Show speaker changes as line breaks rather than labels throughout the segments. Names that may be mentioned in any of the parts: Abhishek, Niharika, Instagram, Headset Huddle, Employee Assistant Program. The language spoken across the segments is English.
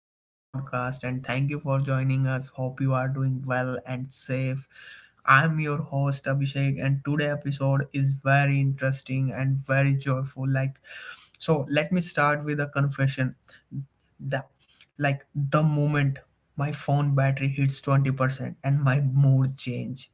to our podcast and thank you for joining us. Hope you are doing well and safe. I'm your host Abhishek, and today episode is very interesting and very joyful. So let me start with a confession the the moment my phone battery hits 20% and my mood change,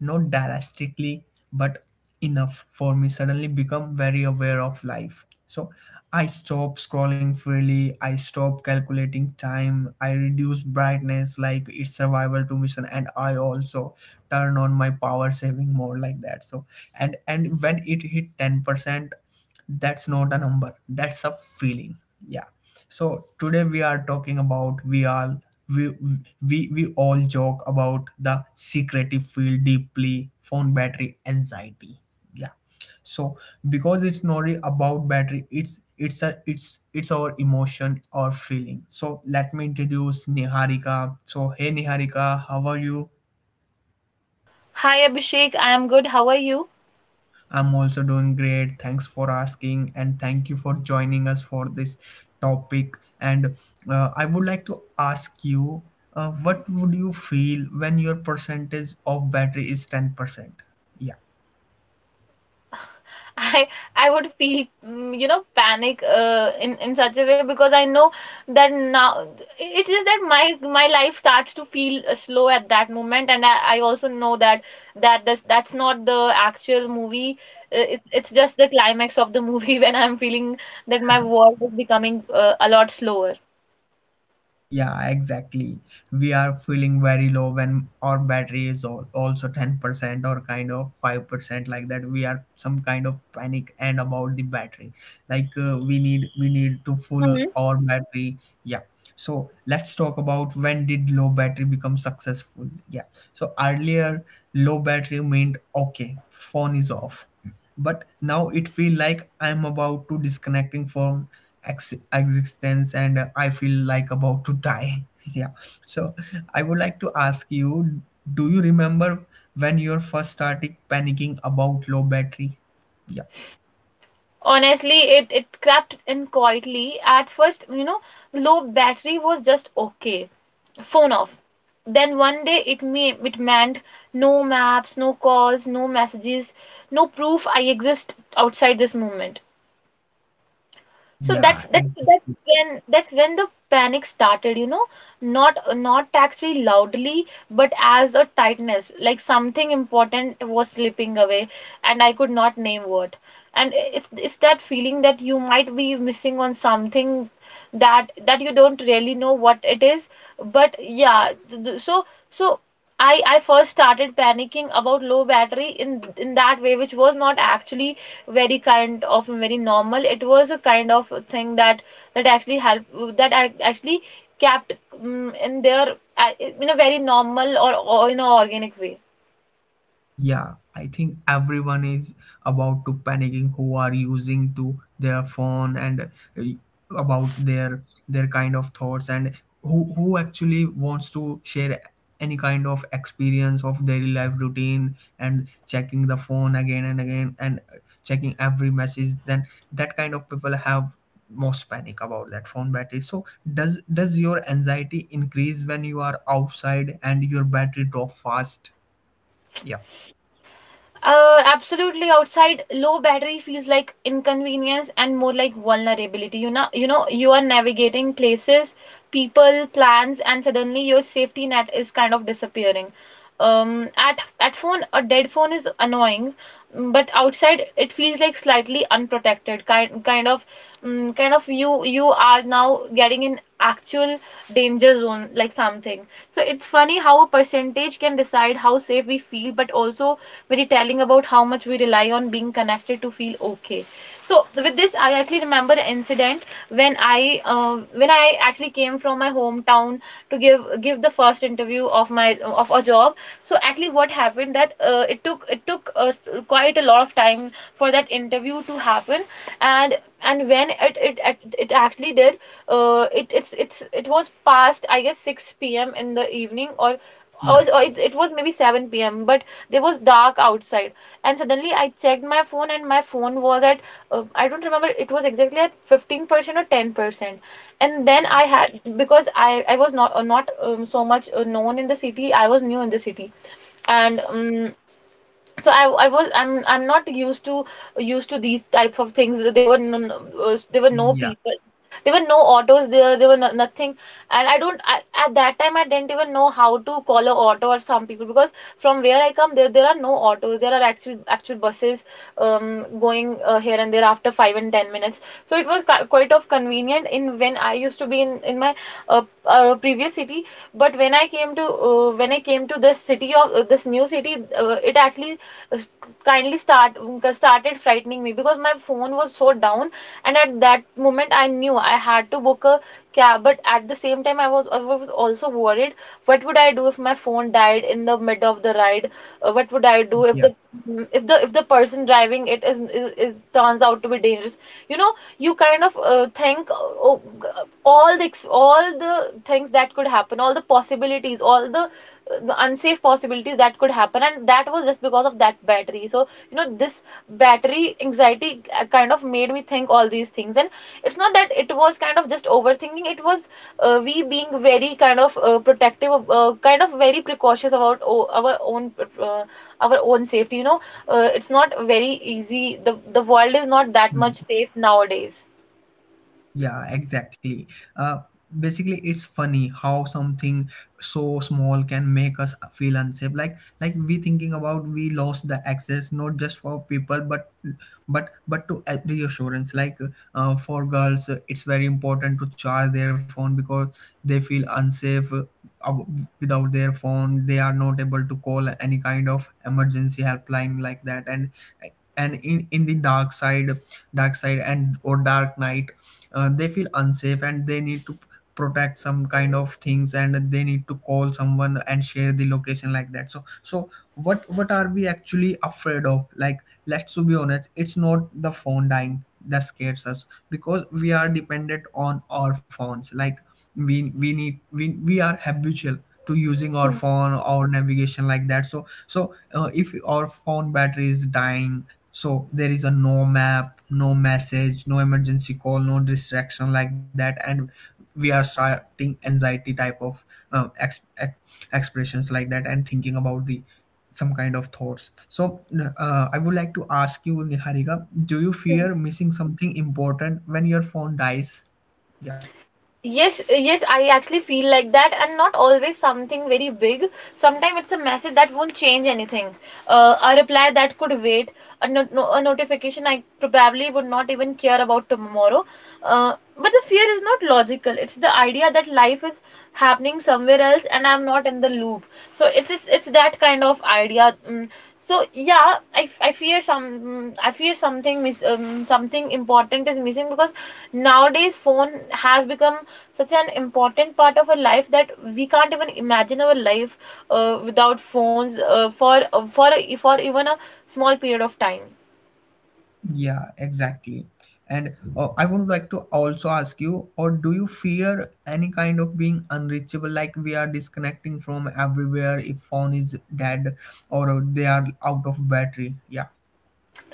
not drastically, but enough for me suddenly become very aware of life. So I stop scrolling freely, I stop calculating time, I reduce brightness like it's survival to mission, and I also turn on my power saving mode like that. So and when it hit 10%, that's not a number, that's a feeling. Yeah. So today we are talking about we we all joke about the secretive field deeply phone battery anxiety. Yeah. So because it's not really about battery, it's a it's it's our emotion or feeling. So let me introduce Niharika. So hey Niharika, how are you?
Hi Abhishek, I am good. How are you?
I'm also doing great. Thanks for asking, and thank you for joining us for this topic. And I would like to ask you, what would you feel when your percentage of battery is 10%? Yeah.
I I would feel panic in such a way because I know that now it's just that my life starts to feel slow at that moment, and I also know that that's not the actual movie. Uh, It's just the climax of the movie when I'm feeling that my world is becoming a lot slower.
Yeah, exactly. We are feeling very low when our battery is all, also 10% or kind of 5% like that. We are some kind of panic and about the battery. Like we need to full our battery. Yeah. So let's talk about, when did low battery become successful? Yeah. So earlier, low battery meant, okay, phone is off. But now it feel like I'm about to disconnecting from existence, and I feel like about to die. Yeah. So I would like to ask you, do you remember when you first started panicking about low battery? Yeah.
Honestly, it crept in quietly at first, you know. Low battery was just okay, phone off. Then one day it meant no maps, no calls, no messages, no proof I exist outside this moment.
Yeah, exactly.
That's when the panic started, you know, not actually loudly, but as a tightness, like something important was slipping away, and I could not name what. And it's that feeling that you might be missing on something that you don't really know what it is, but yeah, so. I first started panicking about low battery in that way, which was not actually very kind of very normal. It was a kind of thing that actually help that actually kept in their in a very normal or in an organic way.
Yeah, I think everyone is about to panicking who are using to their phone, and uh, about their kind of thoughts, and who actually wants to share any kind of experience of daily life routine, and checking the phone again and again, and checking every message. Then that kind of people have most panic about that phone battery. So does your anxiety increase when you are outside and your battery drop fast? Yeah.
Absolutely, outside, low battery feels like inconvenience and more like vulnerability. You know, you know, you are navigating places, people, plans, and suddenly your safety net is kind of disappearing. At phone, a dead phone is annoying, but outside it feels like slightly unprotected, kind of, you are now getting in actual danger zone like something. So it's funny how a percentage can decide how safe we feel, but also very telling about how much we rely on being connected to feel okay. So with this, I actually remember an incident when I actually came from my hometown to give the first interview of my of a job. So actually what happened that it took quite a lot of time for that interview to happen. and and when it actually did, it it's it was past, I guess, 6 p.m in the evening, it was maybe 7 p.m., but there was dark outside. And suddenly I checked my phone, and my phone was at, I don't remember, it was exactly at 15% or 10%. And then I had, because I was not so much known in the city, I was new in the city. And so I was I'm not used to these types of things. There were there were no
Yeah,
people, there were no autos there. There were no, nothing. And I don't I, at that time, I didn't even know how to call a auto or some people, because from where I come, there are no autos. There are actual buses going here and there after 5 and 10 minutes. So it was quite of convenient in when I used to be in my previous city. But when I came to, this city of, this new city, it actually kindly started frightening me because my phone was so down. And at that moment, I knew I had to book a cab, but at the same time, I was also worried what would I do if my phone died in the mid of the ride. What would I do if
yeah.
the if the if the person driving it is turns out to be dangerous, you know? You kind of think, oh, all the things that could happen, all the possibilities, all the unsafe possibilities that could happen. And that was just because of that battery. So you know, this battery anxiety kind of made me think all these things. And it's not that it was kind of just overthinking, it was, we being very kind of protective, kind of very precautious about uh, our own safety, you know. It's not very easy. The world is not that
Mm.
much safe nowadays.
Yeah, exactly. Uh, Basically, it's funny how something so small can make us feel unsafe. Like, we thinking about we lost the access not just for people, but to reassurance. Like for girls, it's very important to charge their phone, because they feel unsafe without their phone. They are not able to call any kind of emergency helpline like that. And in the dark side, and or dark night, they feel unsafe, and they need to protect some kind of things, and they need to call someone and share the location like that. So so what are we actually afraid of? Like, let's to be honest, it's not the phone dying that scares us, because we are dependent on our phones. Like we are habitual to using our phone, our navigation like that. So so if our phone battery is dying, so there is a no map, no message, no emergency call, no distraction like that, and we are starting anxiety type of um, ex- ex- expressions like that, and thinking about the some kind of thoughts. So I would like to ask you, Niharika, do you fear missing something important when your phone dies? Yeah.
Yes, yes, I actually feel like that, and not always something very big. Sometimes it's a message that won't change anything, a reply that could wait, a, no- no- a notification I probably would not even care about tomorrow. But the fear is not logical. It's the idea that life is happening somewhere else, and I'm not in the loop. So it's that kind of idea. Mm. So yeah, I fear I fear something important is missing because nowadays phone has become such an important part of our life that we can't even imagine our life without phones for for even a small period of time.
Yeah, exactly. And I would like to also ask you, or do you fear any kind of being unreachable, like we are disconnecting from everywhere if phone is dead or they are out of battery? Yeah.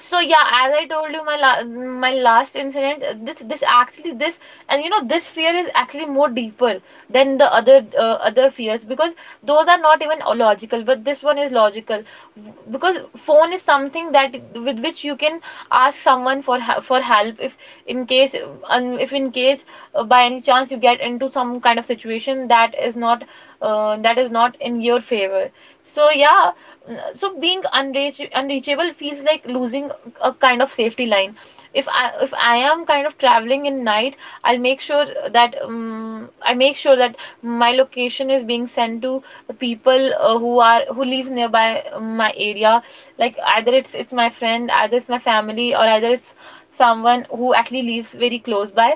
So yeah, as I told you, my my last incident, this, and you know, this fear is actually more deeper than the other other fears, because those are not even logical, but this one is logical. Because phone is something that with which you can ask someone for for help if, in case, um, if in case by any chance, you get into some kind of situation that is not, that is not in your favor. So yeah, so being unreachable feels like losing a kind of safety line. If I am kind of traveling in night, I'll make sure that, I make sure that my location is being sent to people who lives nearby my area, like either it's my friend, either it's my family, or either it's someone who actually lives very close by.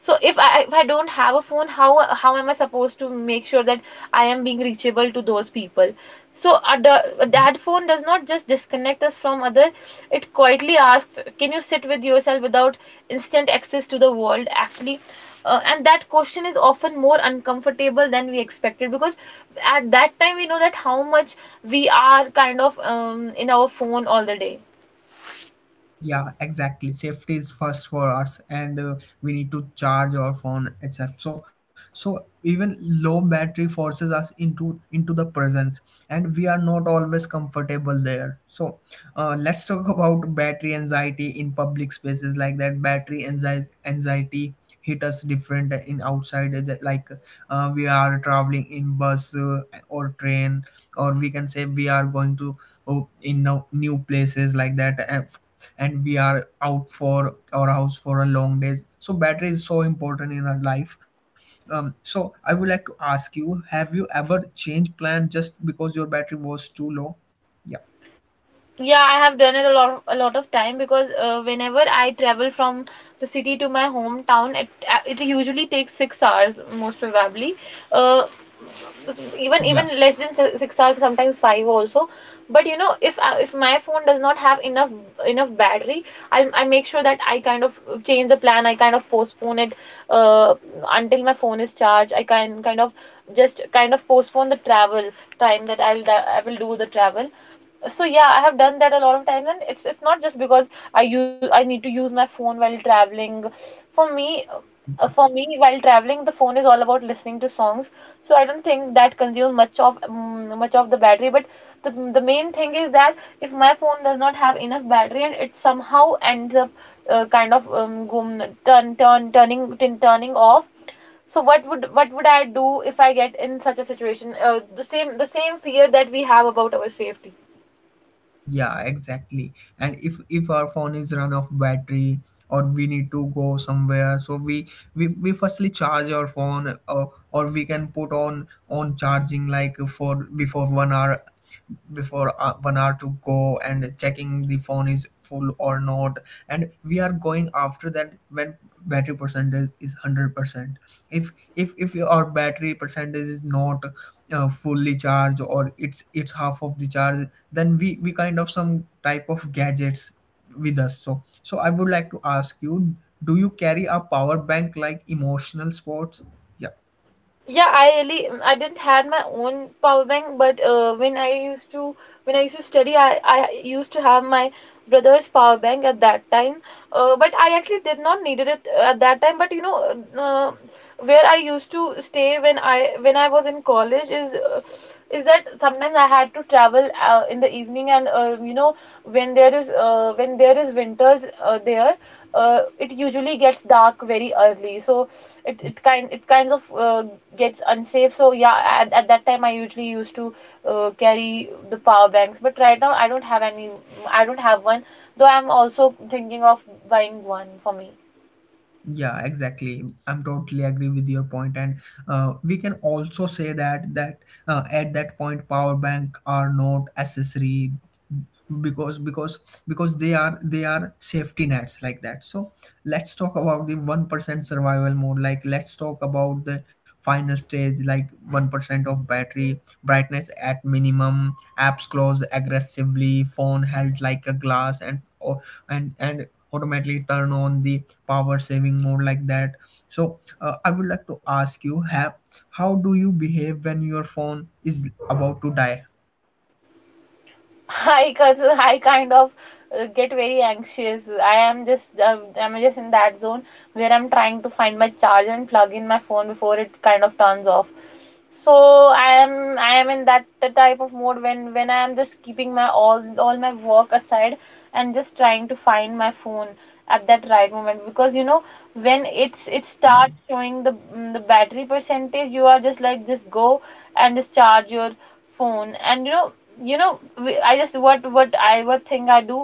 So if I don't have a phone, how am I supposed to make sure that I am being reachable to those people? So a that phone does not just disconnect us from other, it quietly asks, can you sit with yourself without instant access to the world? Actually, and that question is often more uncomfortable than we expected, because at that time we know that how much we are kind of in our phone all the day.
Yeah, exactly. Safety is first for us, and we need to charge our phone, etc. So, so even low battery forces us into the presence, and we are not always comfortable there. So, let's talk about battery anxiety in public spaces like that. Battery anxiety anxiety hit us different in outside, that like we are traveling in bus, or train, or we can say we are going to, oh, in no, new places like that, and and we are out for our house for a long days. So battery is so important in our life. So I would like to ask you, have you ever changed plan just because your battery was too low? Yeah.
Yeah, I have done it a lot, a lot of time, because whenever I travel from the city to my hometown, it usually takes 6 hours, most probably. Uh,
Yeah,
even less than 6 hours, sometimes five also. But you know, if my phone does not have enough battery, I make sure that I kind of change the plan. I kind of postpone it, uh, until my phone is charged. I can kind of just kind of postpone the travel time that I will do the travel. So yeah, I have done that a lot of times. And it's not just because I need to use my phone while traveling. For me, for me while traveling, the phone is all about listening to songs. So I don't think that consumes much of the battery. But the main thing is that if my phone does not have enough battery and it somehow ends up kind of go, turn turn turning tin- turning off. So what would I do if I get in such a situation? Uh, the same fear that we have about our safety.
yeah, exactly. And if our phone is run off battery, or we need to go somewhere, so we firstly charge our phone, or we can put on charging like for before 1 hour, before 1 hour to go, and checking the phone is full or not, and we are going after that when battery percentage is 100%. If your battery percentage is not fully charged, or it's half of the charge, then we kind of some type of gadgets with us. So so I would like to ask you, do you carry a power bank like emotional sports? Yeah.
Yeah, I really, I didn't had my own power bank, but when I used to study, I used to have my brother's power bank at that time. But I actually did not needed it at that time. Uh, where I used to stay when I was in college is that sometimes I had to travel in the evening, and when there is winters there it usually gets dark very early, so it kind of gets unsafe. So yeah, at that time I usually used to carry the power banks, but right now I don't have any I don't have one. Though I'm also thinking of buying one for me.
Yeah, exactly. I'm totally agree with your point, and we can also say that at that point, power bank are not accessory, because because because they are safety nets like that. So let's talk about the 1% survival mode. Like, let's talk about the final stage, like 1% of battery, brightness at minimum, apps close aggressively, phone held like a glass, and or and and automatically turn on the power saving mode like that. So I would like to ask you, have how do you behave when your phone is about to die?
i cuz I kind of get very anxious. I'm just in that zone where I'm trying to find my charger and plug in my phone before it kind of turns off. So I am in that the type of mode when I am just keeping my all my work aside and just trying to find my phone at that right moment. Because you know, when
Yeah,
it
exactly.
starts showing the battery percentage, you are just like, just go and just charge your phone. And you know we- I just what I what thing I do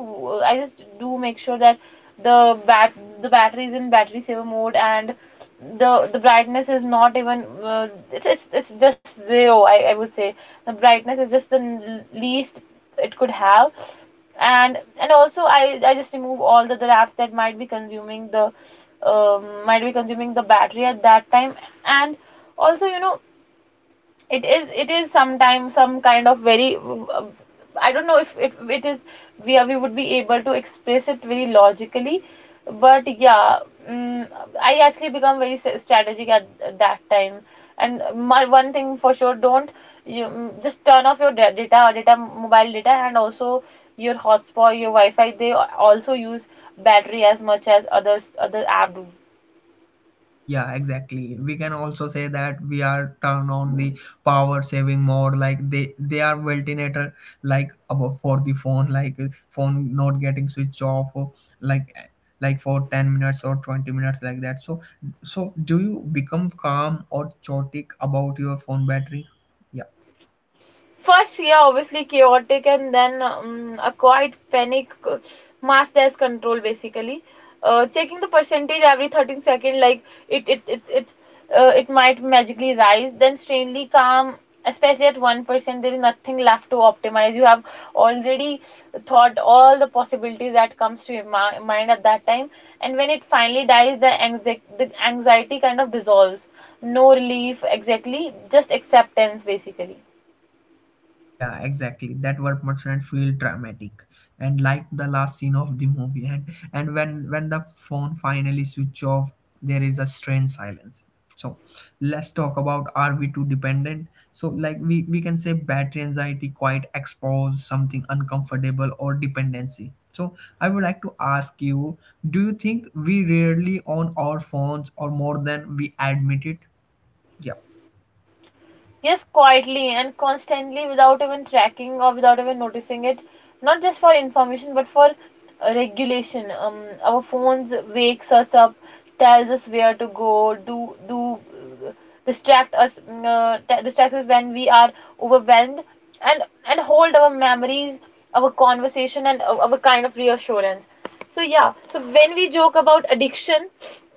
I just do make sure that the bat the battery is in battery saver mode, and the brightness is not even it's it's just zero, I would say. The brightness is just the least it could have. And also I just remove all the apps that might be consuming the might be consuming the battery at that time. And also, you know, it is sometimes some kind of very I don't know if it is we would be able to express it very logically, but yeah. mm, I actually become very strategic at that time. And my one thing for sure: don't you just turn off your data, mobile data, and also your hotspot, your wi-fi. They also use battery as much as other app do.
Yeah, exactly. We can also say that we are turn on the power saving mode. Like, they are ventilator like about for the phone, like phone not getting switch off, or like uh, like for 10 minutes or 20 minutes like that. So so do you become calm or chaotic about your phone battery? Yeah.
First, yeah, obviously chaotic, and then a quiet panic masked as control, basically. Checking the percentage every 13 seconds, like it it it it it might magically rise. Then strangely calm, especially at 1%, there is nothing left to optimize. You have already thought all the possibilities that comes to your mind at that time, and when it finally dies, the anxiety kind of dissolves. No relief exactly, just acceptance, basically.
Yeah, exactly. That word mustn't feel dramatic, and like the last scene of the movie, and when the phone finally switch off, there is a strange silence. So let's talk about, are we too dependent? So like, we can say battery anxiety quite expose something uncomfortable or dependency. So I would like to ask you, do you think we rarely on our phones or more than we admit it? Yeah.
Yes, quietly and constantly without even tracking or without even noticing it. Not just for information, but for regulation. Our phones wakes us up, tells us where to go, do do uh, distract us, distracts us when we are overwhelmed, and hold our memories, our conversation, and our kind of reassurance. So yeah, so when we joke about addiction,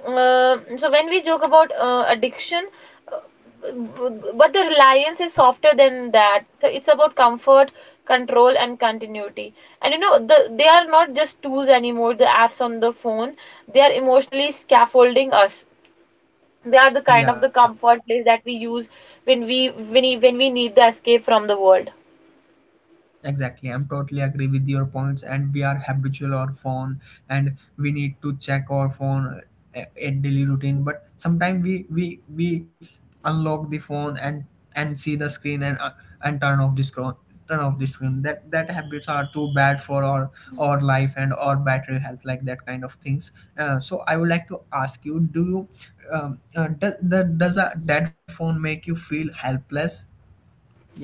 uh, so when we joke about uh, addiction but the reliance is softer than that. So it's about comfort, control, and continuity. And you know, they are not just tools anymore, the apps on the phone. They are emotionally scaffolding us. They are the kind of
Yeah,
the comfort place that we use when when we need the escape from the world.
exactly, I'm totally agree with your points, and we are habitual our phone, and we need to check our phone at daily routine. But sometimes we unlock the phone, and see the screen, and turn off the screen, turn off the screen. That habits are too bad for our life and our battery health, like that kind of things. So I would like to ask you, do you does a dead phone make you feel helpless? Yeah,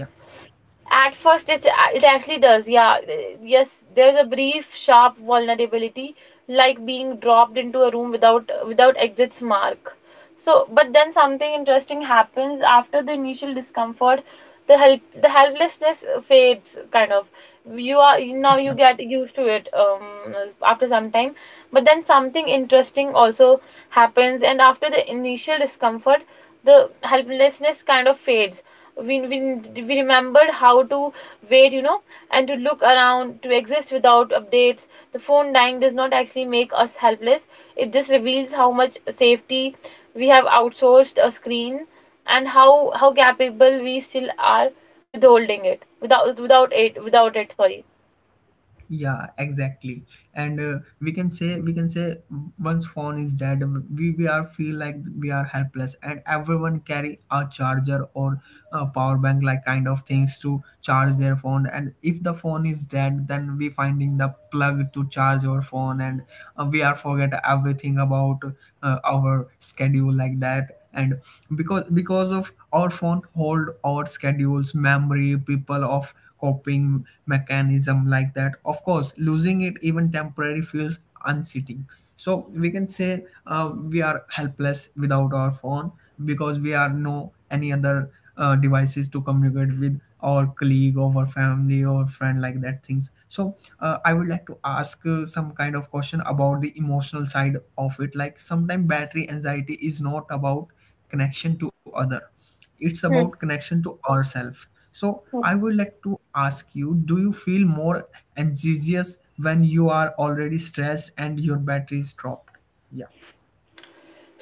At first, it actually does, yeah. Yes, there's a brief, sharp vulnerability, like being dropped into a room without exit's mark. So, but then something interesting happens after the initial discomfort. The helplessness fades, kind of. You are now
yeah.
you get used to it after some time. But then something interesting also happens, and after the initial discomfort, the helplessness kind of fades. We remembered how to wait, you know, and to look around, to exist without updates. The phone dying does not actually make us helpless, it just reveals how much safety we have outsourced a screen and how capable we still are withholding it without it, sorry.
Yeah, exactly. And we can say, once phone is dead, we are feel like we are helpless, and everyone carry a charger or a power bank like kind of things to charge their phone, and if the phone is dead, then we finding the plug to charge our phone. And we are forget everything about our schedule like that. And because of our phone hold our schedules, memory, people of coping mechanism like that, of course losing it even temporary feels unseating. So we can say we are helpless without our phone, because we are no any other devices to communicate with our colleague or our family or friend like that things. So I would like to ask some kind of question about the emotional side of it. Like, sometimes battery anxiety is not about connection to other, it's about
Hmm.
connection to ourselves. So I would like to ask you, do you feel more anxious when you are already stressed and your battery is dropped? Yeah.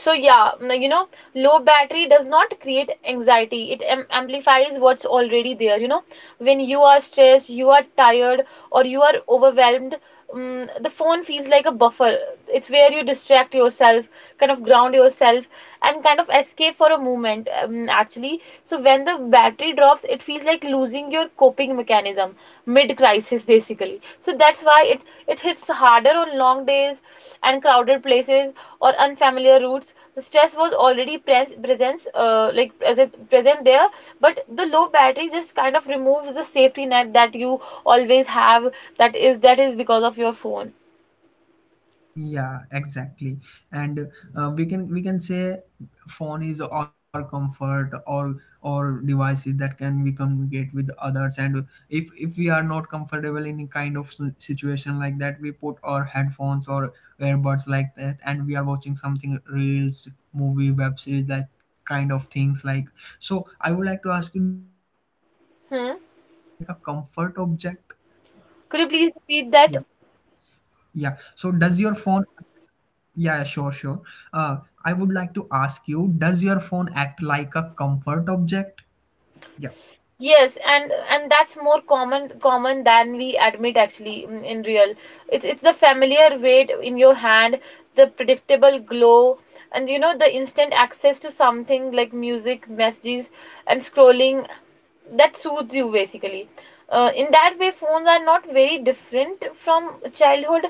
So yeah, you know, low battery does not create anxiety, it amplifies what's already there. You know, when you are stressed, you are tired, or you are overwhelmed, the phone feels like a buffer. It's where you distract yourself, kind of ground yourself, and kind of escape for a moment. Actually, so when the battery drops, it feels like losing your coping mechanism mid crisis, basically. So that's why it hits harder on long days and crowded places or unfamiliar routes. The stress was already presence, like present there, but the low battery just kind of removes the safety net that you always have. That is because of your phone.
Yeah, exactly. And we can say phone is our comfort, or devices that can we communicate with others. And if we are not comfortable in kind of situation like that, we put our headphones or earbuds like that, and we are watching something, reels, movie, web series, that kind of things like. So I would like to ask you: Does your phone act like a
Hmm,
comfort object?
could you
Yeah,
please repeat that?
yeah. So does your phone, yeah, yeah, sure, sure. Uh, I would like to ask you, does your phone act like a comfort object? Yeah,
Yes, and that's more common than we admit, actually, in real. It's the familiar weight in your hand, the predictable glow, and you know, the instant access to something like music, messages, and scrolling that soothes you, basically. Uh, in that way, phones are not very different from childhood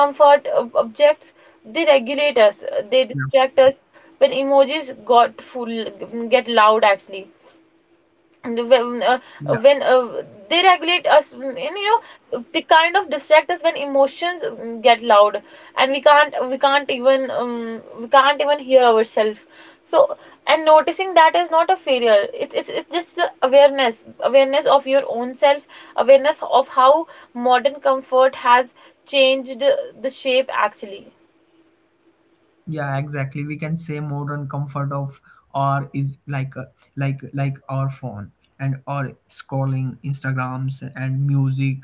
comfort objects. They regulate us, they
yeah,
distract us when emojis got full get loud, actually. when uh,
yeah,
when, uh, they regulate us, and you know, they kind of distract us when emotions get loud and we can't even hear ourselves. So, and noticing that is not a failure. It's it's just a awareness, awareness of your own self, awareness of how modern comfort has changed the shape, actually.
yeah, exactly. We can say modern comfort of, or is like a, like our phone, and or scrolling Instagrams and music,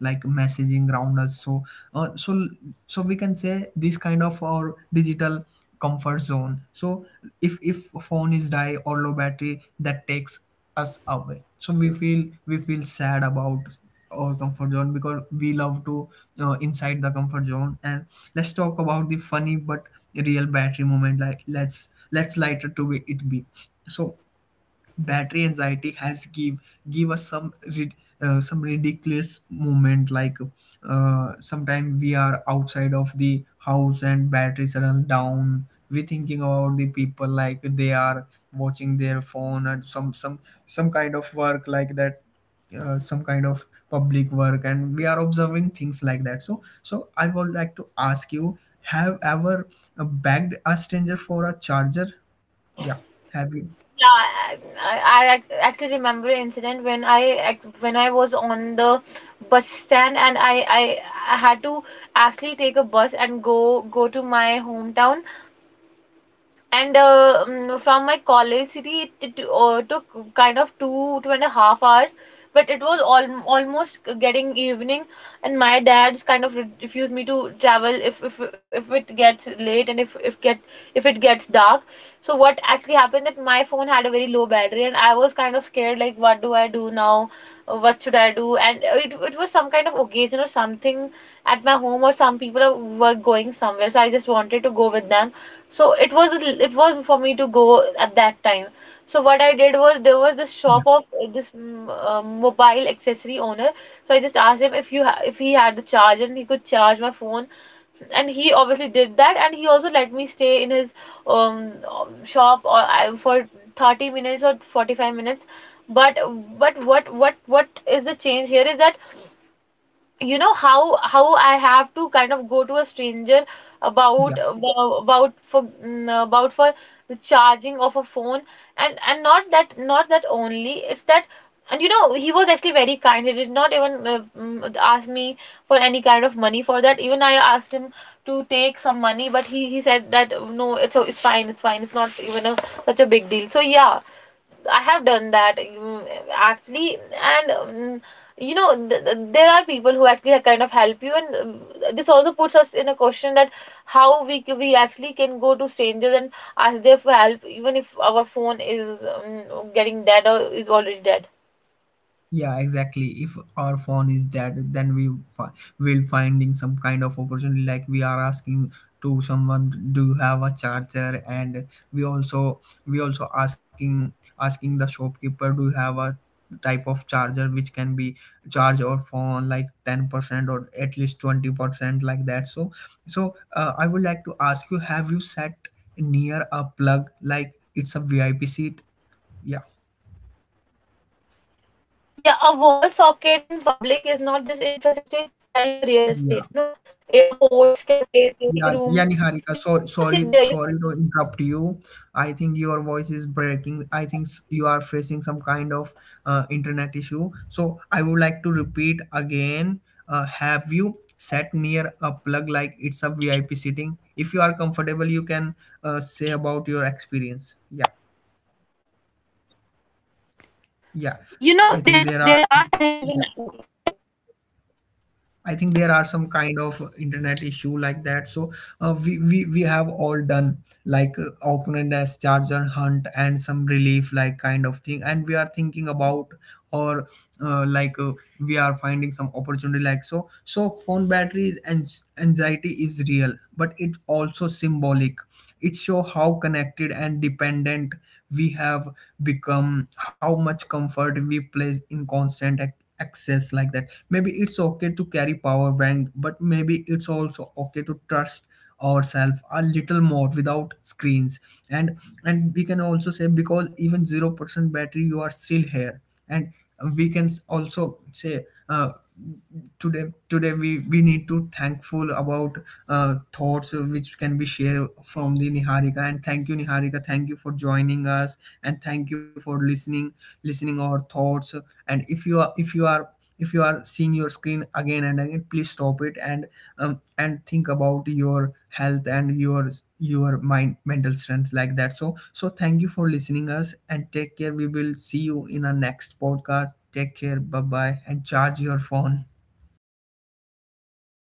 like messaging around us. So uh, so so we can say this kind of our digital comfort zone. So if phone is die or low battery, that takes us away, so we feel sad about our comfort zone, because we love to inside the comfort zone. And let's talk about the funny but real battery moment. Like, let's lighter to be it be. So battery anxiety has give us some some ridiculous moment. Like, sometime we are outside of the house and batteries are down, we thinking about the people, like they are watching their phone, or some kind of work like that, some kind of public work, and we are observing things like that. So so I would like to ask you, have ever begged a stranger for a charger? Yeah, have you?
Yeah, I actually remember an incident when I when I was on the bus stand and I I had to actually take a bus and go to my hometown. And from my college city, it took kind of two, 2.5 hours, but it was al almost getting evening, and my dad's kind of refused me to travel if it gets late and if it gets dark. So what actually happened that my phone had a very low battery, and I was kind of scared, like, what do I do now? What should I do? And it was some kind of occasion or something at my home, or some people were going somewhere, so I just wanted to go with them. So it was for me to go at that time. So what I did was, there was this shop
Yeah.
of mobile accessory owner. So I just asked him if you ha if he had the charge and he could charge my phone. And he obviously did that, and he also let me stay in his shop or for 30 minutes or 45 minutes. But what is the change here is that, you know, how I have to kind of go to a stranger
Yeah.
about for the charging of a phone. And not that only, it's that, and you know, he was actually very kind. He did not even ask me for any kind of money for that. Even I asked him to take some money, but he said that no, it's fine, it's not even such a big deal. So yeah, I have done that, actually. And you know, th th there are people who actually kind of help you. And this also puts us in a question that how we actually can go to strangers and ask them for help, even if our phone is getting dead or is already dead.
Yeah, exactly. If our phone is dead, then will finding some kind of opportunity. Like, we are asking to someone, do you have a charger? And we also we also asking the shopkeeper, do you have a type of charger which can be charge our phone like 10% or at least 20% like that. So so I would like to ask you, have you sat near a plug like it's a VIP seat? Yeah,
Yeah, a wall socket in public is not just infrastructure; it's prime real estate. You know, airports,
yeah.
cafes, waiting rooms. You don't sit
Yeah,
there. You
yeah, Niharika. So sorry, sorry to interrupt you. I think your voice is breaking. I think you are facing some kind of internet issue. So I would like to repeat again. Have you sat near a plug like it's a VIP sitting? If you are comfortable, you can say about your experience. Yeah,
you know, there
yeah.
are times
I think
when
there are. Yeah. I think there are some kind of internet issue like that. So we have all done like, Auckland as charger hunt and some relief like kind of thing, and we are thinking about, or uh, like uh, we are finding some opportunity like, so. So phone batteries and anxiety is real, but it's also symbolic. It show how connected and dependent we have become, how much comfort we place in constant access like that. Maybe it's okay to carry power bank, but maybe it's also okay to trust ourselves a little more without screens. And we can also say, because even 0% battery, you are still here. And we can also say today, we need to thankful about thoughts which can be shared from the Niharika. And thank you, Niharika, thank you for joining us, and thank you for listening, our thoughts. And if you are, if you are seeing your screen again and again, please stop it, and think about your health and your mind, mental strength like that. So so thank you for listening us, and take care. We will see you in our next podcast. Take care, bye bye, and charge your phone.